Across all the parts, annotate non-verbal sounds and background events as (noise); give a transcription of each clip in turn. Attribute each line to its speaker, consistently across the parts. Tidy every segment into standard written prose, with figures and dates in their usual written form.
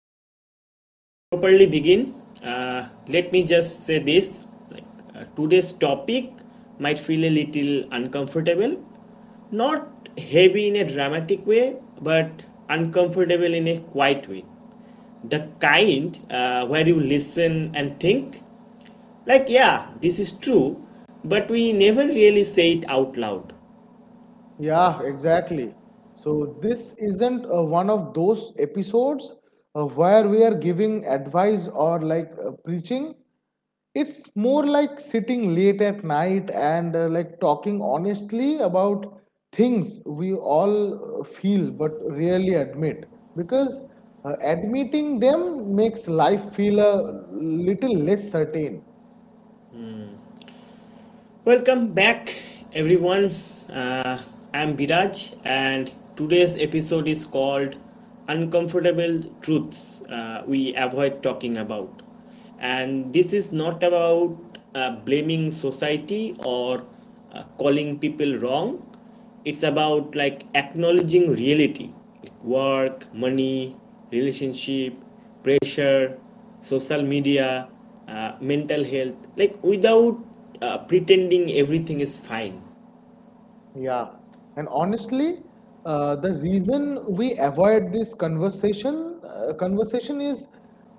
Speaker 1: so before we properly begin, let me just say this like today's topic might feel a little uncomfortable, not heavy in a dramatic way, but uncomfortable in a quiet way. The kind where you listen and think, like, yeah, this is true, but we never really say it out loud.
Speaker 2: Yeah, exactly. So this isn't one of those episodes where we are giving advice or like preaching. It's more like sitting late at night and like talking honestly about things we all feel but rarely admit because admitting them makes life feel a little less certain.
Speaker 1: Welcome back, everyone. Uh, I'm Biraj, and today's episode is called Uncomfortable Truths We Avoid Talking About. And this is not about blaming society or calling people wrong. It's about like acknowledging reality, like work, money, relationship pressure, social media, mental health, like without pretending everything is fine.
Speaker 2: Yeah, and honestly, the reason we avoid this conversation is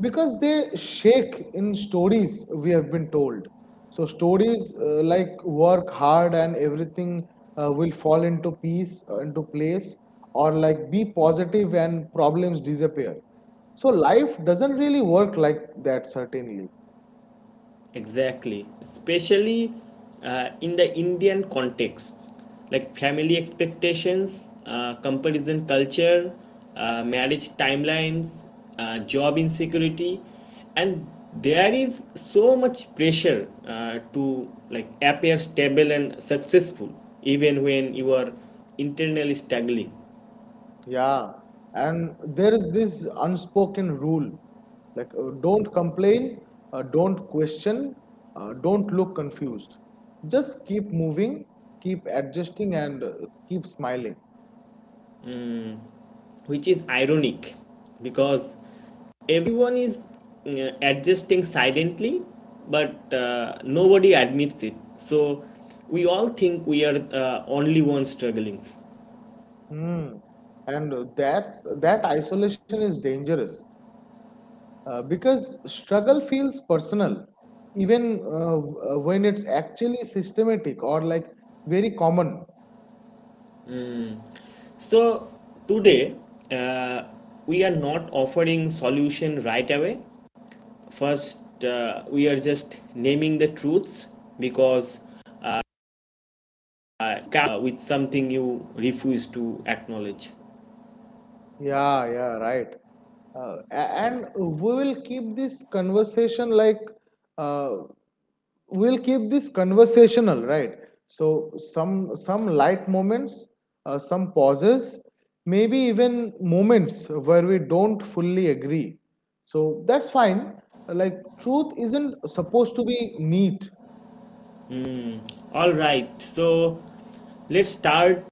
Speaker 2: because they shake in stories we have been told. So stories like work hard and everything will fall into into place, or like be positive and problems disappear. So life doesn't really work like that, certainly.
Speaker 1: Exactly, especially in the Indian context, like family expectations, comparison culture, marriage timelines, job insecurity, and there is so much pressure to like appear stable and successful even when you are internally struggling.
Speaker 2: Yeah, and there is this unspoken rule like don't complain, don't question, don't look confused. Just keep moving, keep adjusting, and keep smiling.
Speaker 1: Which is ironic because everyone is adjusting silently, but nobody admits it, so we all think we are only one struggling.
Speaker 2: Hmm. And that isolation is dangerous because struggle feels personal, even when it's actually systematic or like very common.
Speaker 1: So today, uh, we are not offering solution right away. First, we are just naming the truths because uh, with something you refuse to acknowledge.
Speaker 2: Yeah, yeah, right. And we will keep this conversation like uh, we'll keep this conversational, right? So some light moments, some pauses, maybe even moments where we don't fully agree. So that's fine. Like truth isn't supposed to be neat.
Speaker 1: All right, so let's start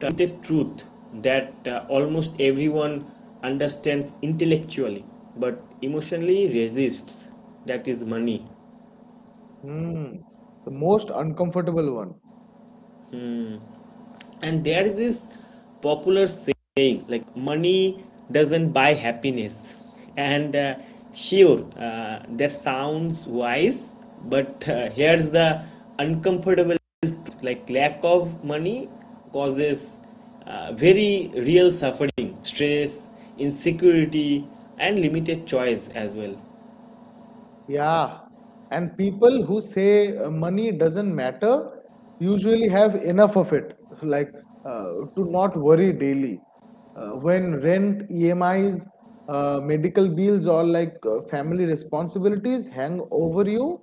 Speaker 1: with the truth that almost everyone understands intellectually but emotionally resists, that is money.
Speaker 2: Hmm. The most uncomfortable one.
Speaker 1: And there is this popular saying like, money doesn't buy happiness. (laughs) And sure, that sounds wise, but here's the uncomfortable, like lack of money causes very real suffering, stress, insecurity, and limited choice as well.
Speaker 2: Yeah, and people who say money doesn't matter usually have enough of it, (laughs) like to not worry daily. When rent, EMIs, medical bills, or like family responsibilities hang over you,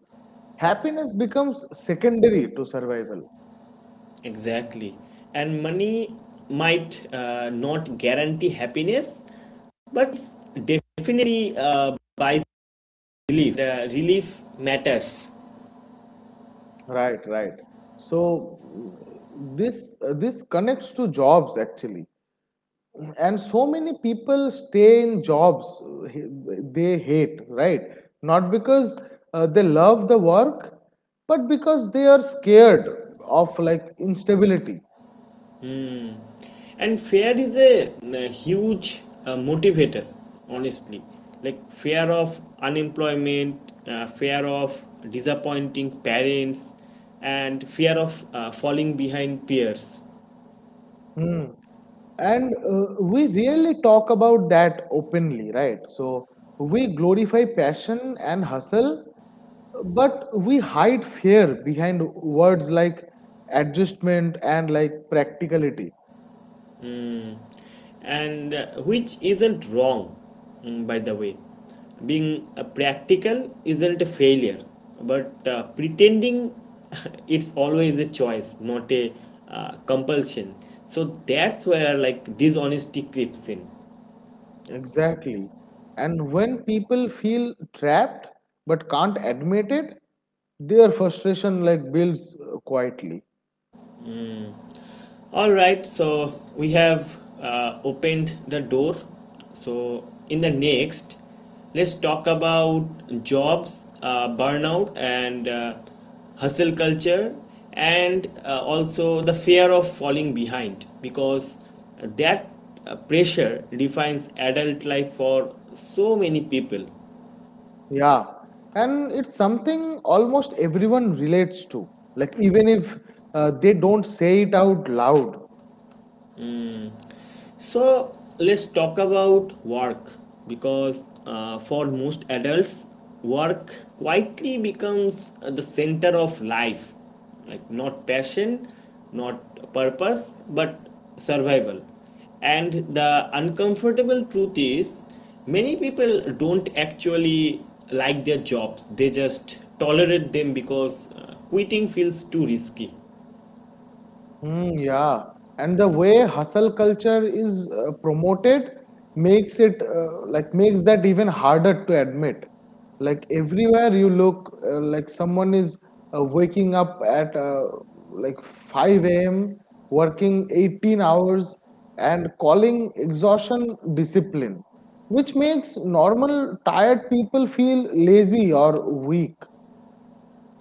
Speaker 2: happiness becomes secondary to survival.
Speaker 1: Exactly, and money might not guarantee happiness, but it's definitely buys relief. Relief matters.
Speaker 2: Right, right. So this connects to jobs actually. And so many people stay in jobs they hate, right? Not because they love the work, but because they are scared of like instability.
Speaker 1: And fear is a, huge motivator, honestly, like fear of unemployment, fear of disappointing parents, and fear of falling behind peers.
Speaker 2: Hmm. And we really talk about that openly, right? So we glorify passion and hustle, but we hide fear behind words like adjustment and like practicality.
Speaker 1: mm, and which isn't wrong, by the way. Being practical isn't a failure, but pretending (laughs) it's always a choice, not a compulsion. So that's where like dishonesty creeps in.
Speaker 2: Exactly. And when people feel trapped but can't admit it, their frustration like builds quietly.
Speaker 1: All right, so we have opened the door. So, in the next, let's talk about jobs, burnout, and hustle culture, and also the fear of falling behind, because that pressure defines adult life for so many people.
Speaker 2: Yeah. And it's something almost everyone relates to. Like even if they don't say it out loud.
Speaker 1: So let's talk about work because for most adults, work quietly becomes the center of life. Like, not passion, not purpose, but survival. And the uncomfortable truth is, many people don't actually like their jobs, they just tolerate them because quitting feels too risky.
Speaker 2: Mm, yeah, and the way hustle culture is promoted makes it makes that even harder to admit. Like everywhere you look, like someone is waking up at like 5 a.m., working 18 hours, and calling exhaustion discipline, which makes normal tired people feel lazy or weak.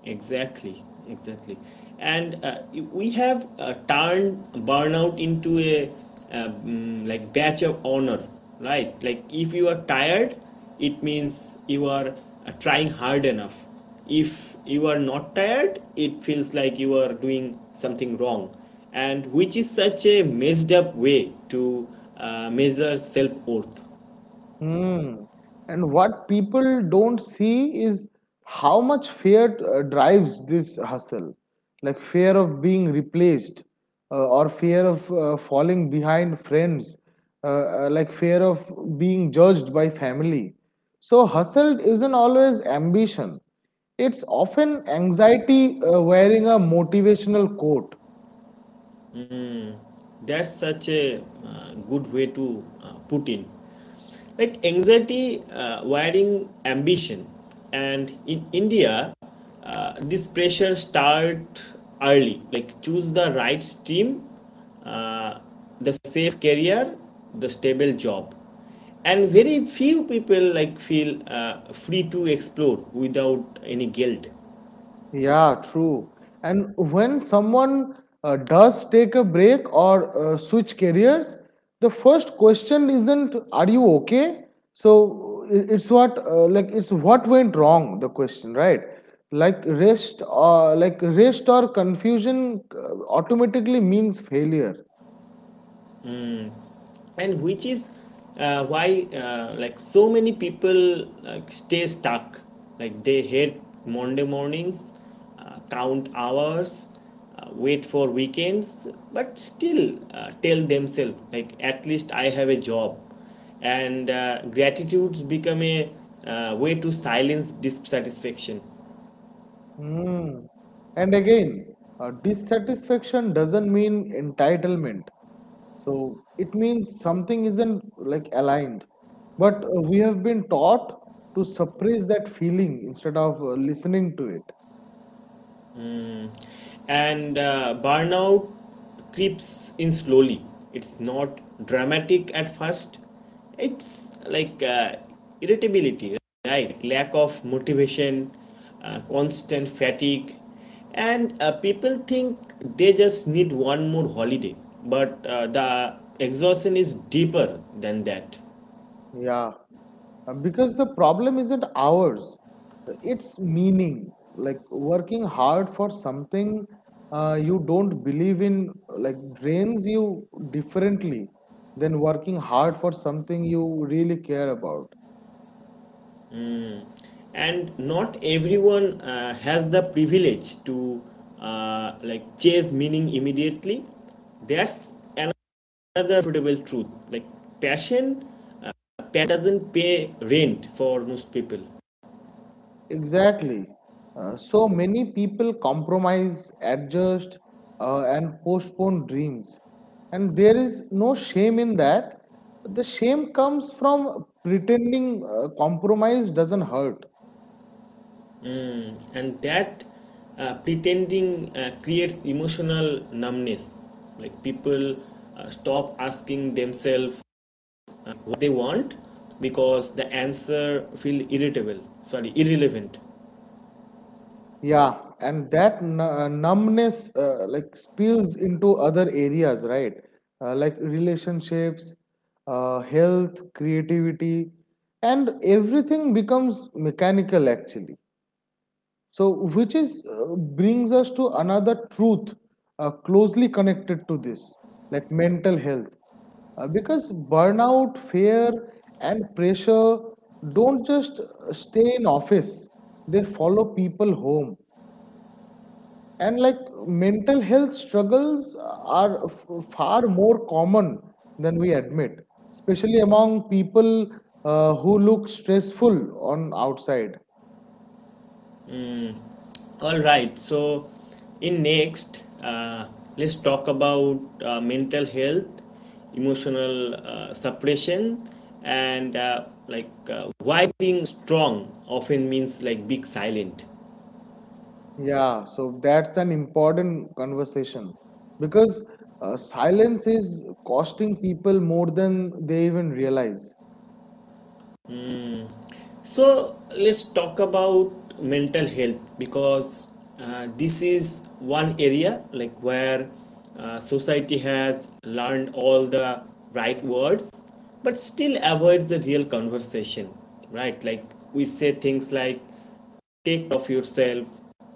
Speaker 1: Exactly, exactly. And we have turned burnout into a like badge of honor, right? Like if you are tired, it means you are trying hard enough. If you are not tired, it feels like you are doing something wrong, and which is such a messed up way to measure self worth.
Speaker 2: Hmm. And what people don't see is how much fear drives this hustle. Like fear of being replaced, or fear of falling behind friends, like fear of being judged by family. So hustle isn't always ambition, it's often anxiety wearing a motivational coat.
Speaker 1: That's such a good way to put in. Like anxiety wiring ambition. And in india, this pressure start early, like choose the right stream, uh, the safe career, the stable job, and very few people like feel free to explore without any guilt.
Speaker 2: Yeah, true. And when someone does take a break or switch careers, the first question isn't "Are you okay?" So it's what went wrong. The question, right? Like rest or confusion automatically means failure.
Speaker 1: And which is why, like so many people like stay stuck. Like they hate monday mornings, count hours, wait for weekends, but still tell themselves like at least I have a job. And gratitudes become a way to silence dissatisfaction.
Speaker 2: Hmm. And again, dissatisfaction doesn't mean entitlement. So it means something isn't like aligned. But we have been taught to suppress that feeling instead of listening to it.
Speaker 1: And burnout creeps in slowly. It's not dramatic at first. It's like irritability, right, lack of motivation, constant fatigue. And people think they just need one more holiday, but the exhaustion is deeper than that.
Speaker 2: Yeah. Because the problem isn't ours, it's meaning like working hard for something you don't believe in like drains you differently than working hard for something you really care about.
Speaker 1: And not everyone has the privilege to like chase meaning immediately. That's another profitable truth, like passion, passion doesn't pay rent for most people.
Speaker 2: Exactly. So many people compromise, adjust, and postpone dreams, and there is no shame in that. The shame comes from pretending compromise doesn't hurt.
Speaker 1: And that pretending creates emotional numbness. Like people stop asking themselves what they want, because the answer feel irritable, sorry, irrelevant.
Speaker 2: Yeah, and that numbness like spills into other areas, right? Like relationships, health, creativity, and everything becomes mechanical actually. So which is brings us to another truth closely connected to this, like mental health. Because burnout, fear, and pressure don't just stay in office, they follow people home, and like mental health struggles are far more common than we admit, especially among people who look stressful on outside.
Speaker 1: All right. So, in next, let's talk about mental health, emotional suppression, and why being strong often means like being silent.
Speaker 2: Yeah, so that's an important conversation because silence is costing people more than they even realize.
Speaker 1: So let's talk about mental health because this is one area like where society has learned all the right words but still avoids the real conversation, right? Like we say things like take care of yourself,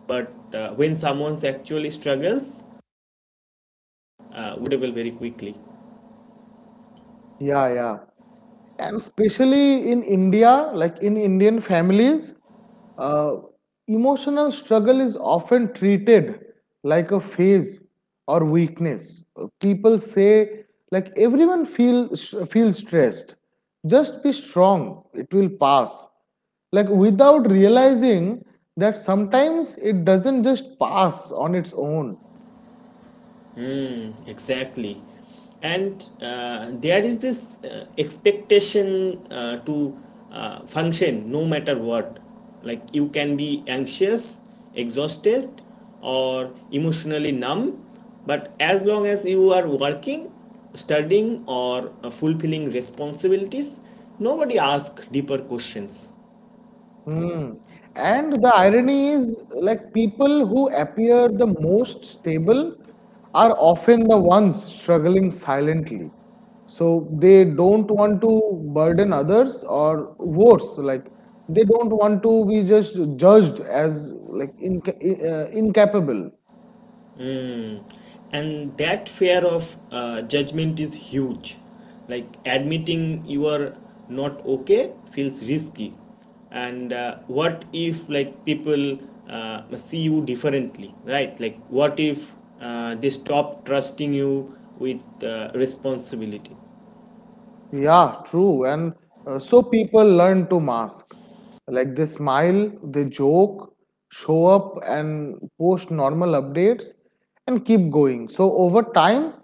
Speaker 1: but when someone actually struggles, we will very quickly.
Speaker 2: Yeah, yeah. And especially in India, like in Indian families, uh, emotional struggle is often treated like a phase or weakness. People say, like everyone feels stressed. Just be strong; it will pass. Like without realizing that sometimes it doesn't just pass on its own.
Speaker 1: Exactly. And there is this expectation to function no matter what. Like you can be anxious, exhausted, or emotionally numb, but as long as you are working, studying, or fulfilling responsibilities, nobody asks deeper questions.
Speaker 2: Hmm. And the irony is, like, people who appear the most stable are often the ones struggling silently. So they don't want to burden others, or worse, like, they don't want to be just judged as like incapable.
Speaker 1: Mm. And that fear of judgment is huge. Like admitting you are not okay feels risky. And what if like people see you differently, right? Like what if they stop trusting you with responsibility?
Speaker 2: Yeah, true. And so people learn to mask. Like they smile, they joke, show up and post normal updates and keep going. So over time,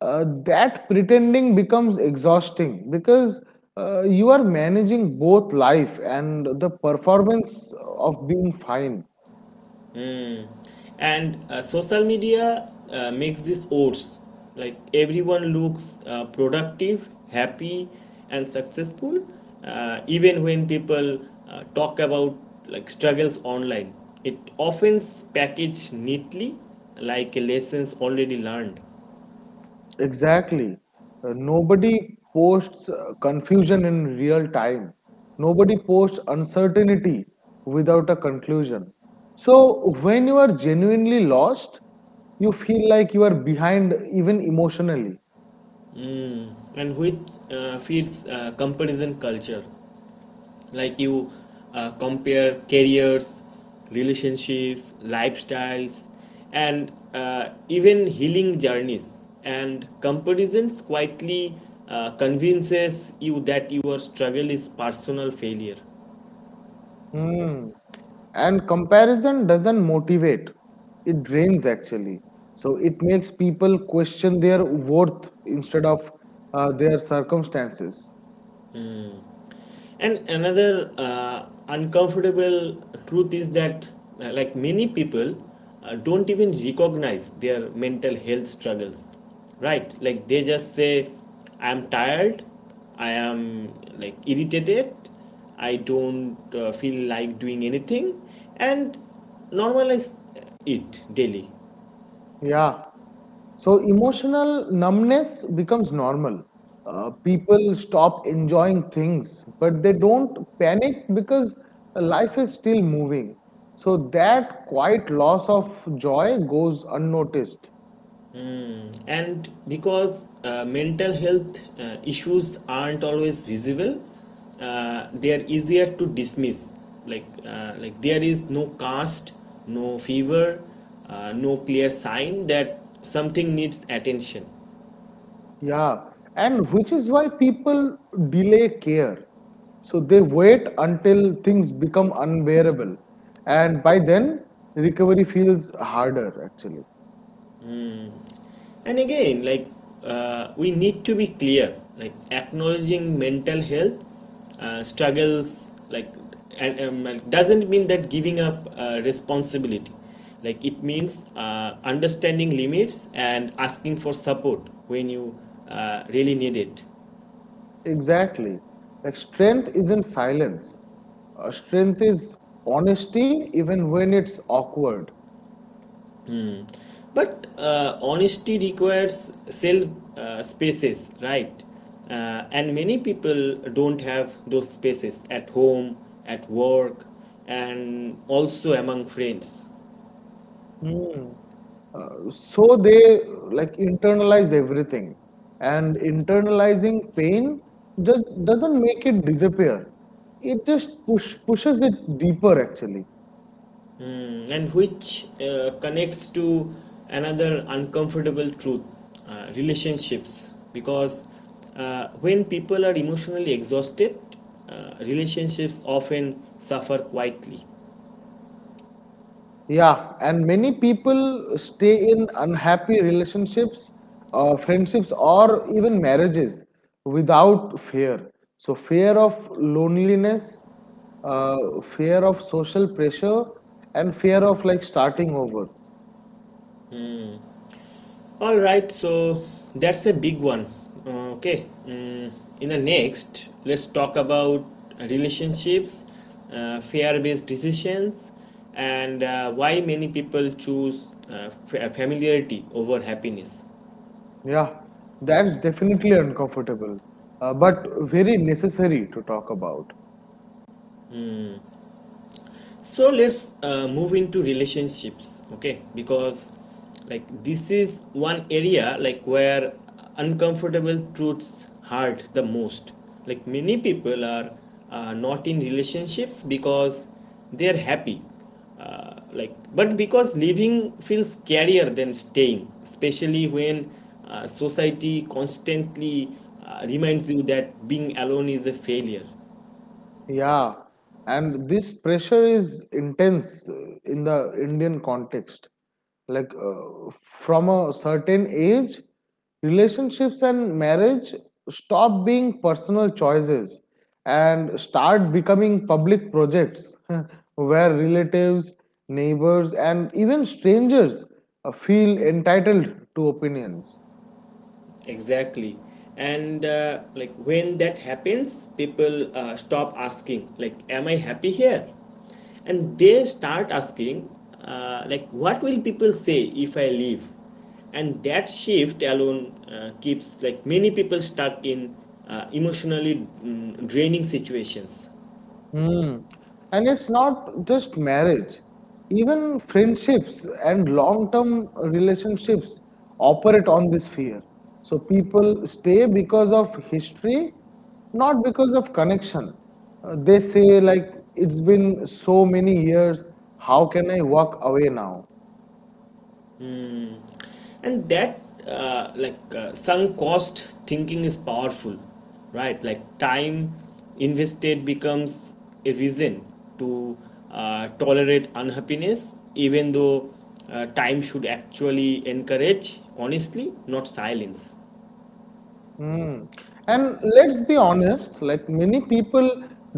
Speaker 2: that pretending becomes exhausting because you are managing both life and the performance of being fine.
Speaker 1: Mm. And social media makes this worse. Like everyone looks productive, happy, and successful. Even when people talk about like struggles online, it often packaged neatly, like lessons already learned.
Speaker 2: Exactly. Nobody posts confusion in real time. Nobody posts uncertainty without a conclusion. So when you are genuinely lost, you feel like you are behind even emotionally.
Speaker 1: And which feeds comparison culture. Like you compare careers, relationships, lifestyles, and even healing journeys. And comparisons quietly convinces you that your struggle is personal failure.
Speaker 2: Hmm. And comparison doesn't motivate, it drains actually. So it makes people question their worth instead of their circumstances.
Speaker 1: And another uncomfortable truth is that, like many people, don't even recognize their mental health struggles, right? Like they just say, I am tired, I am like irritated, I don't feel like doing anything, and normalize it daily.
Speaker 2: Yeah. So emotional numbness becomes normal. People stop enjoying things, but they don't panic because life is still moving. So that quiet loss of joy goes unnoticed.
Speaker 1: And because mental health issues aren't always visible, they are easier to dismiss. Like like there is no cast, no fever, no clear sign that something needs attention.
Speaker 2: Yeah, and which is why people delay care. So they wait until things become unbearable, and by then recovery feels harder actually.
Speaker 1: And again like we need to be clear, like acknowledging mental health struggles like and like doesn't mean that giving up responsibility. Like it means understanding limits and asking for support when you really need it.
Speaker 2: Exactly. Like strength isn't silence. Strength is honesty even when it's awkward.
Speaker 1: But honesty requires self spaces, right? And many people don't have those spaces at home, at work, and also among friends.
Speaker 2: Hmm. So they like internalize everything. And internalizing pain just doesn't make it disappear. It just pushes it deeper actually.
Speaker 1: Mm, and which connects to another uncomfortable truth, relationships. Because when people are emotionally exhausted, relationships often suffer quietly.
Speaker 2: Yeah, and many people stay in unhappy relationships, friendships, or even marriages without fear. So, fear of loneliness, fear of social pressure, and fear of like starting over.
Speaker 1: All right, so that's a big one. Okay, in the next, let's talk about relationships, fear based decisions, and why many people choose familiarity over happiness.
Speaker 2: Yeah, that's definitely uncomfortable, but very necessary to talk about.
Speaker 1: So let's move into relationships, okay, because like this is one area like where uncomfortable truths hurt the most. Like many people are not in relationships because they're happy, like but because living feels scarier than staying, especially when society constantly reminds you that being alone is a failure.
Speaker 2: Yeah, and this pressure is intense in the Indian context. Like from a certain age, relationships and marriage stop being personal choices and start becoming public projects (laughs) where relatives, neighbors, and even strangers feel entitled to opinions.
Speaker 1: Exactly. And like when that happens people stop asking like am I happy here, and they start asking like what will people say if I leave. And that shift alone keeps like many people stuck in emotionally draining situations.
Speaker 2: Mm. And it's not just marriage. Even friendships and long-term relationships operate on this fear. So people stay because of history, not because of connection. They say like it's been so many years, how can I walk away now?
Speaker 1: And that like sunk cost thinking is powerful, right, like time invested becomes a reason to tolerate unhappiness, even though time should actually encourage honestly not silence.
Speaker 2: Mm. And let's be honest, like many people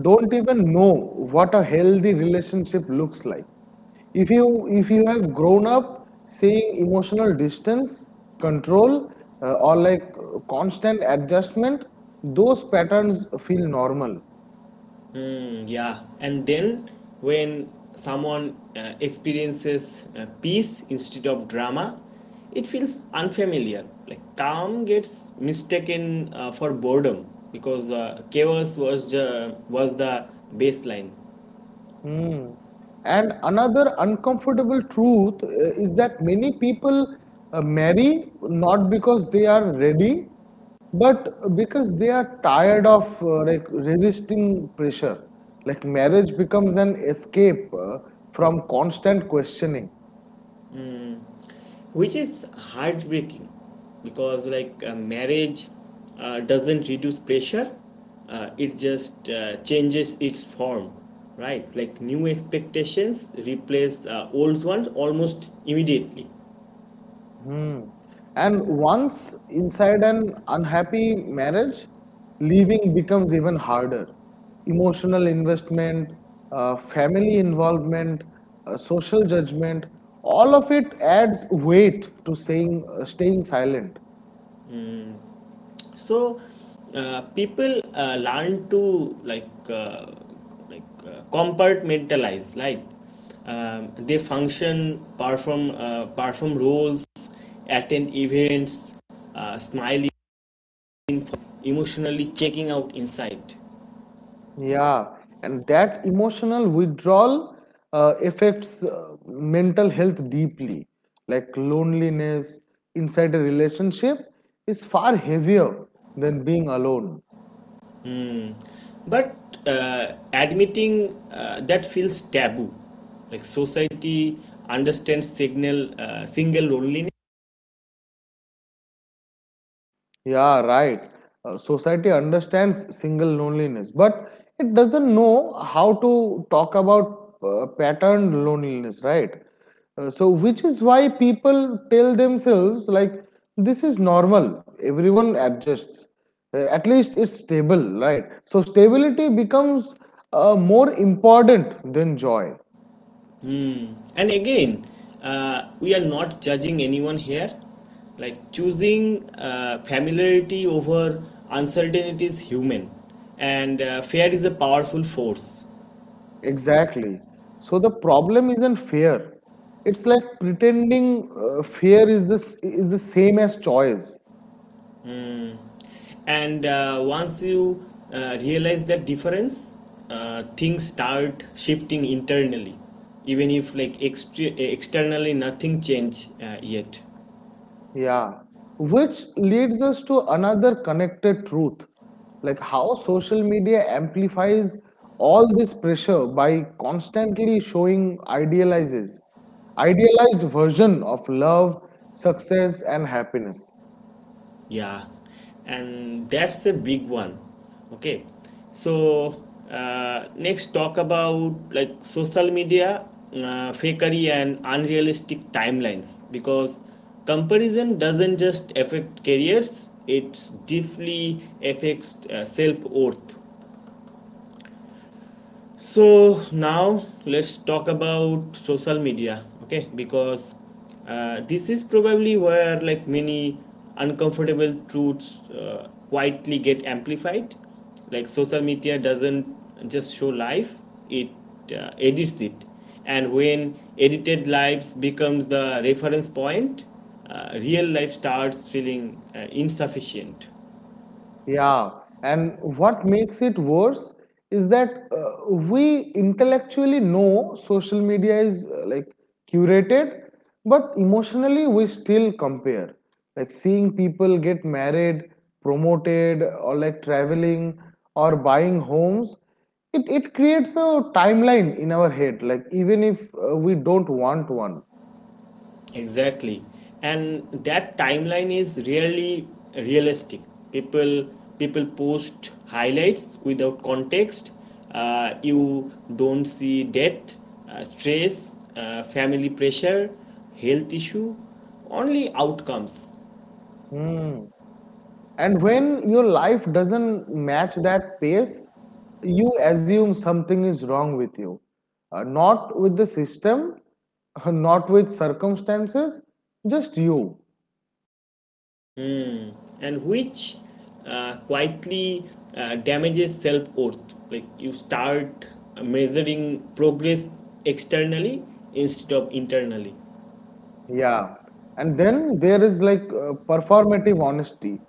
Speaker 2: don't even know what a healthy relationship looks like. If you have grown up seeing emotional distance, control, or like constant adjustment, those patterns feel normal.
Speaker 1: Mm, yeah. And then when someone experiences peace instead of drama, it feels unfamiliar. Like calm gets mistaken for boredom because chaos was the baseline.
Speaker 2: Mm. And another uncomfortable truth is that many people marry not because they are ready, but because they are tired of like resisting pressure. Like marriage becomes an escape from constant questioning.
Speaker 1: Which is heartbreaking because like marriage doesn't reduce pressure, it just changes its form, right, like new expectations replace old ones almost immediately.
Speaker 2: Hmm. And once inside an unhappy marriage, leaving becomes even harder. Emotional investment, family involvement, social judgment, all of it adds weight to staying silent.
Speaker 1: So people learn to compartmentalize like they function, perform, perform roles, attend events, smile, emotionally checking out inside.
Speaker 2: Yeah, and that emotional withdrawal affects mental health deeply. Like loneliness inside a relationship is far heavier than being alone.
Speaker 1: Hmm. But admitting that feels taboo. Like society understands signal single loneliness.
Speaker 2: Yeah, right. Society understands single loneliness, but it doesn't know how to talk about patterned loneliness, right? So which is why people tell themselves, like, this is normal, everyone adjusts. At least it's stable, right? So stability becomes more important than joy.
Speaker 1: And again, we are not judging anyone here. Like choosing familiarity over uncertainty is human, and fear is a powerful force.
Speaker 2: Exactly. So the problem isn't fear. It's like pretending fear is this is the same as choice.
Speaker 1: Mm. And once you realize that difference, things start shifting internally, even if like externally nothing change yet.
Speaker 2: Yeah. Which leads us to another connected truth, like how social media amplifies all this pressure by constantly showing idealized version of love, success, and happiness.
Speaker 1: Yeah, and that's a big one. Okay, so next talk about like social media fakery and unrealistic timelines, because comparison doesn't just affect careers; it deeply affects self worth. So now let's talk about social media, okay? Because this is probably where like many uncomfortable truths quietly get amplified. Like social media doesn't just show life; it edits it, and when edited lives becomes the reference point, real life starts feeling insufficient.
Speaker 2: Yeah, and what makes it worse is that we intellectually know social media is like curated, but emotionally we still compare. Like seeing people get married, promoted, or like traveling or buying homes, it creates a timeline in our head, like even if we don't want one.
Speaker 1: Exactly. And that timeline is really realistic. People People post highlights without context. You don't see death, stress, family pressure, health issue, only outcomes.
Speaker 2: Hmm. And when your life doesn't match that pace, you assume something is wrong with you. Not with the system, not with circumstances, just you.
Speaker 1: And which quietly damages self worth. Like you start measuring progress externally instead of internally.
Speaker 2: Yeah. And then there is like performative honesty.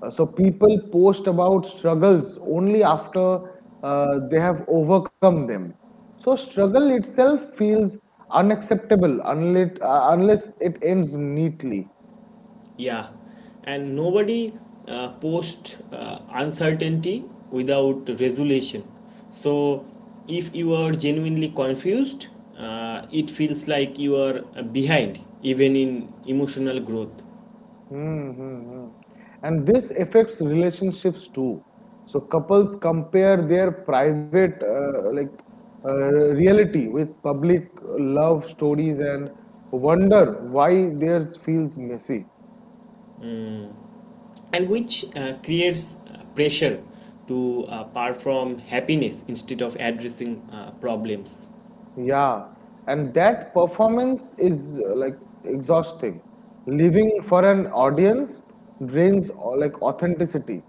Speaker 2: So people post about struggles only after they have overcome them. So struggle itself feels unacceptable unless it ends neatly.
Speaker 1: Yeah, and nobody posts uncertainty without resolution. So, if you are genuinely confused, it feels like you are behind, even in emotional growth,
Speaker 2: Hmm. And this affects relationships too. So couples compare their private reality with public love stories and wonder why theirs feels messy.
Speaker 1: and which creates pressure to perform happiness instead of addressing problems.
Speaker 2: Yeah, and that performance is like exhausting. Living for an audience drains like authenticity.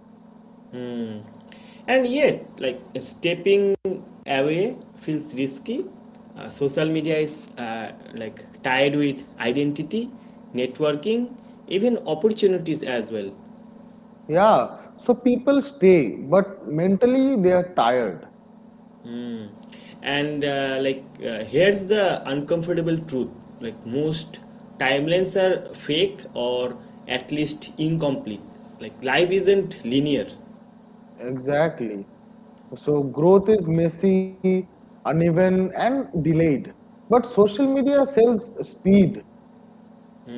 Speaker 1: And yet, like stepping away feels risky. Social media is like tied with identity, networking, even opportunities as well.
Speaker 2: Yeah, so people stay, but mentally they are tired.
Speaker 1: Mm. And here's the uncomfortable truth: like most timelines are fake or at least incomplete. Like life isn't linear.
Speaker 2: Exactly. So growth is messy, uneven, and delayed. But social media sells speed,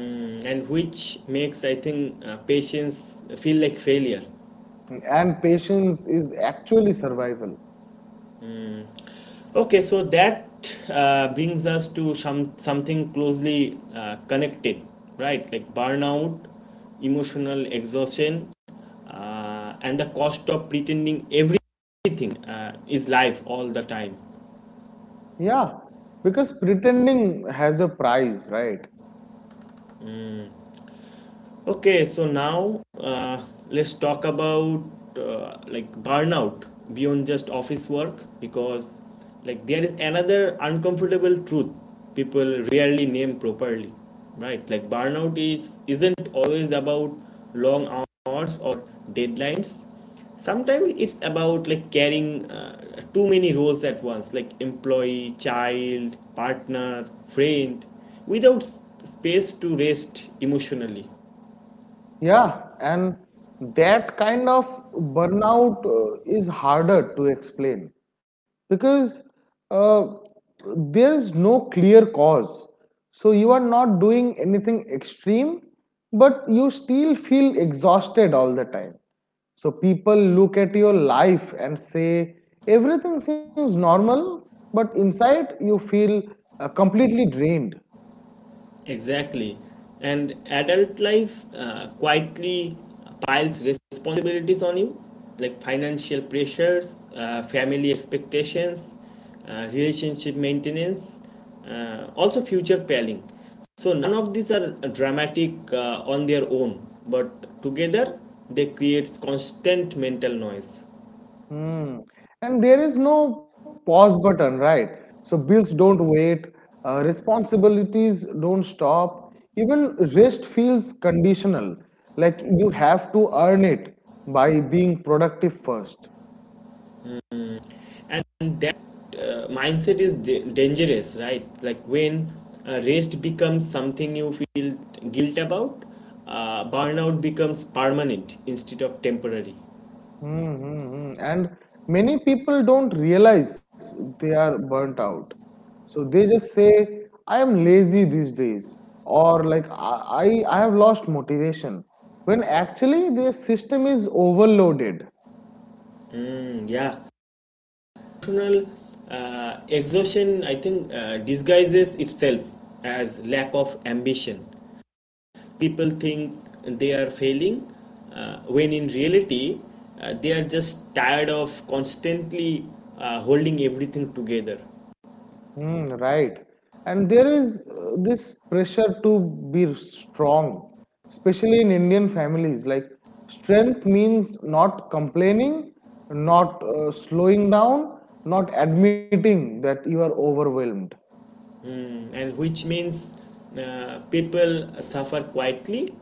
Speaker 1: Mm, and which makes I think patience feel like failure.
Speaker 2: and patience is actually survival.
Speaker 1: Okay, so that brings us to something closely connected, right? Like burnout, emotional exhaustion, and the cost of pretending everything is life all the time.
Speaker 2: Yeah, because pretending has a price, right?
Speaker 1: Okay, so now let's talk about like burnout beyond just office work, because like there is another uncomfortable truth people rarely name properly, right? Like burnout is isn't always about long hours or deadlines. Sometimes it's about like carrying too many roles at once, like employee, child, partner, friend, without space to rest emotionally.
Speaker 2: Yeah, and that kind of burnout is harder to explain because uh, there is no clear cause. So you are not doing anything extreme, but you still feel exhausted all the time. So people look at your life and say, everything seems normal, but inside you feel completely drained.
Speaker 1: Exactly. And adult life quietly piles responsibilities on you, like financial pressures, family expectations, relationship maintenance, also future planning. So, none of these are dramatic on their own, but together they creates constant mental noise.
Speaker 2: Hmm. And there is no pause button, right? So bills don't wait, responsibilities don't stop. Even rest feels conditional, like you have to earn it by being productive first.
Speaker 1: And that mindset is dangerous, right? Like when rest becomes something you feel guilt about, burnout becomes permanent instead of temporary.
Speaker 2: Hmm. And many people don't realize they are burnt out. So they just say, I am lazy these days, or like I have lost motivation, when actually their system is overloaded.
Speaker 1: Mm, yeah, emotional uh, exhaustion I think disguises itself as lack of ambition. People think they are failing when in reality they are just tired of constantly holding everything together.
Speaker 2: Mm, right. And there is this pressure to be strong, especially in Indian families. Like strength means not complaining, not slowing down, not admitting that you are overwhelmed.
Speaker 1: Mm, and which means people suffer quietly.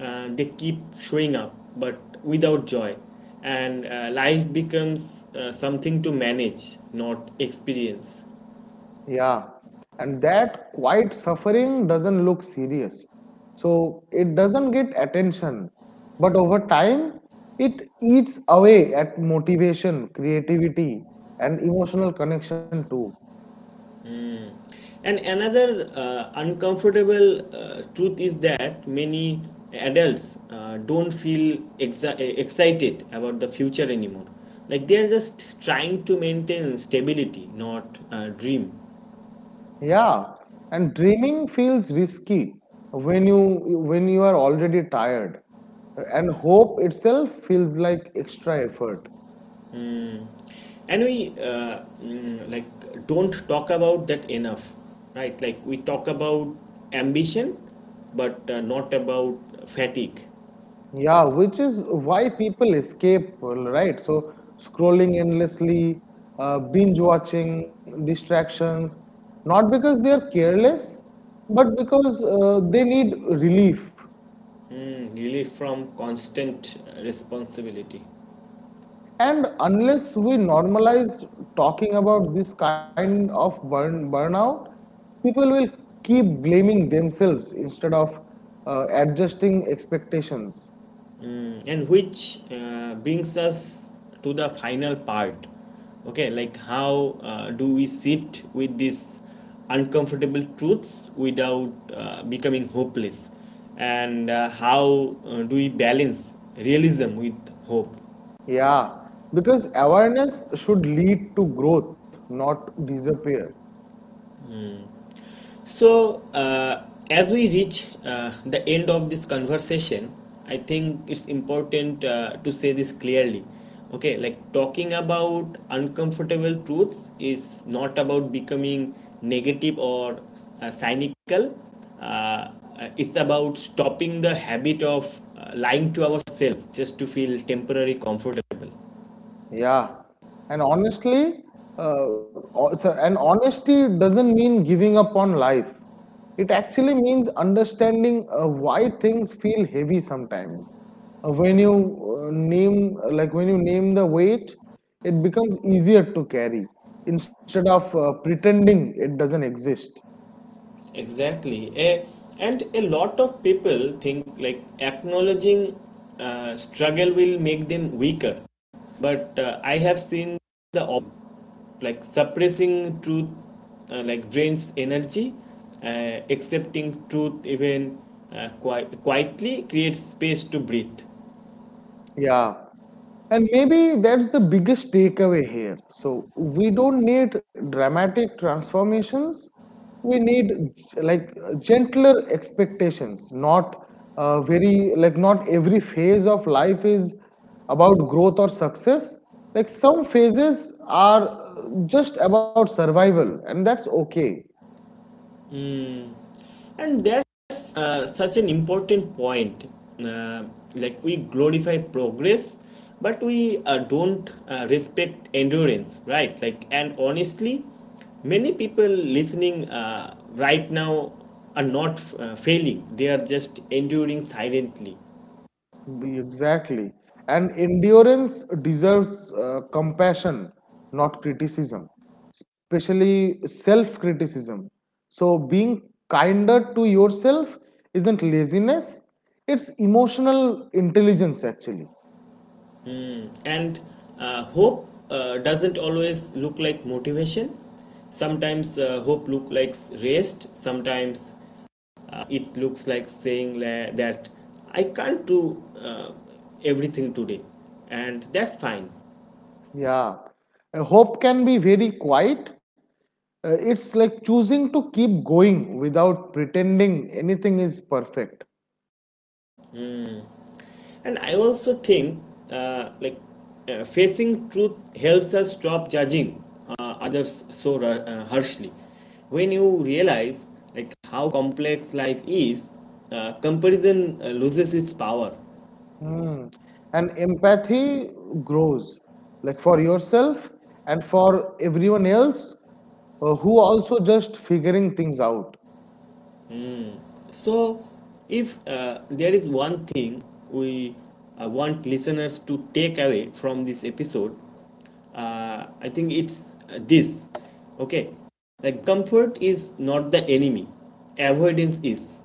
Speaker 1: They keep showing up but without joy, and life becomes something to manage, not experience.
Speaker 2: Yeah. And that quiet suffering doesn't look serious. So it doesn't get attention. But over time, it eats away at motivation, creativity, and emotional connection too.
Speaker 1: And another uncomfortable truth is that many adults don't feel excited about the future anymore. Like they are just trying to maintain stability, not dream.
Speaker 2: Yeah, and dreaming feels risky when you are already tired. And hope itself feels like extra effort.
Speaker 1: And we like don't talk about that enough, right? Like we talk about ambition but not about fatigue.
Speaker 2: Yeah, which is why people escape, right? So scrolling endlessly, binge watching, distractions, not because they are careless, but because they need relief.
Speaker 1: Mm, relief from constant responsibility.
Speaker 2: And unless we normalize talking about this kind of burnout, people will keep blaming themselves instead of adjusting expectations.
Speaker 1: Mm, and which brings us to the final part. Okay, like how do we sit with these uncomfortable truths without becoming hopeless, and how do we balance realism with hope?
Speaker 2: Yeah, because awareness should lead to growth, not disappear.
Speaker 1: So, as we reach the end of this conversation, I think it's important to say this clearly. Okay, like talking about uncomfortable truths is not about becoming negative or cynical. Uh, it's about stopping the habit of lying to ourselves just to feel temporarily comfortable.
Speaker 2: Yeah, and honestly, o- so- and honesty doesn't mean giving up on life. It actually means understanding why things feel heavy sometimes. When you name, like when you name the weight, it becomes easier to carry instead of pretending it doesn't exist.
Speaker 1: Exactly. And a lot of people think like acknowledging struggle will make them weaker. But I have seen the op- like suppressing truth like drains energy, uh, accepting truth even quietly creates space to breathe.
Speaker 2: Yeah. And maybe that's the biggest takeaway here. So we don't need dramatic transformations. We need gentler expectations, not very like not every phase of life is about growth or success. Like some phases are just about survival, and that's okay.
Speaker 1: Mm. And that's such an important point. Uh, like we glorify progress, but we don't respect endurance, right? Like, and honestly, many people listening right now are not failing; they are just enduring silently.
Speaker 2: Exactly. And endurance deserves compassion, not criticism, especially self criticism. So being kinder to yourself isn't laziness, it's emotional intelligence, actually.
Speaker 1: And hope doesn't always look like motivation. Sometimes hope look like rest, sometimes it looks like saying that I can't do everything today, and that's fine.
Speaker 2: Yeah. Hope can be very quiet. It's like choosing to keep going without pretending anything is perfect.
Speaker 1: And I also think uh, like facing truth helps us stop judging others so harshly. When you realize like how complex life is, comparison loses its power.
Speaker 2: Mm. And empathy grows, like for yourself and for everyone else who also just figuring things out.
Speaker 1: So, if there is one thing we want listeners to take away from this episode, I think it's this. Okay, like comfort is not the enemy, avoidance is,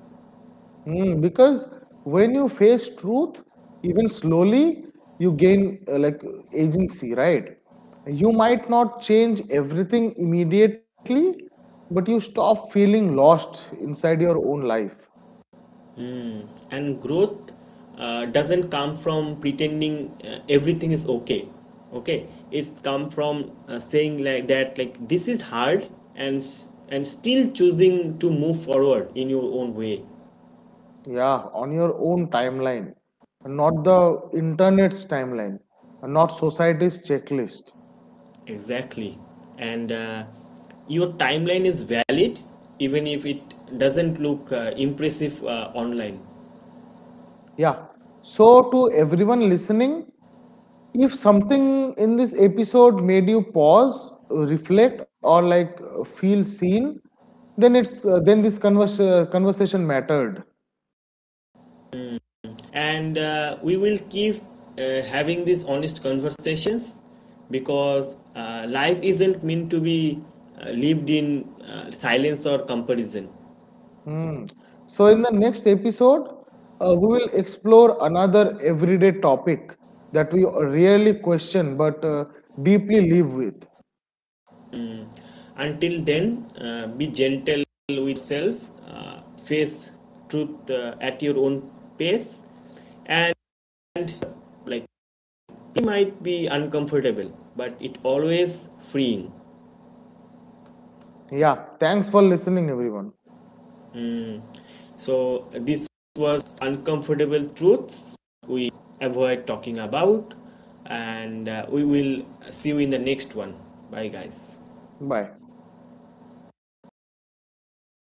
Speaker 2: Mm. Because when you face truth, even slowly, you gain like agency, right? You might not change everything immediately, but you stop feeling lost inside your own life.
Speaker 1: and growth doesn't come from pretending everything is okay. Okay, it's come from saying like that, like this is hard, and still choosing to move forward in your own way.
Speaker 2: Yeah, on your own timeline, not the internet's timeline, not society's checklist.
Speaker 1: Exactly. And your timeline is valid even if it doesn't look impressive online.
Speaker 2: Yeah. So to everyone listening, if something in this episode made you pause, reflect, or like feel seen, then it's then this conversation mattered.
Speaker 1: And we will keep having these honest conversations because life isn't meant to be lived in silence or comparison.
Speaker 2: Hmm. So in the next episode, we will explore another everyday topic that we rarely question but deeply live with.
Speaker 1: Mm. Until then, be gentle with self, face truth at your own pace, and like it might be uncomfortable, but it always freeing.
Speaker 2: Yeah, thanks for listening, everyone.
Speaker 1: Mm. So this was uncomfortable truths we avoid talking about, and we will see you in the next one. Bye, guys.
Speaker 2: Bye.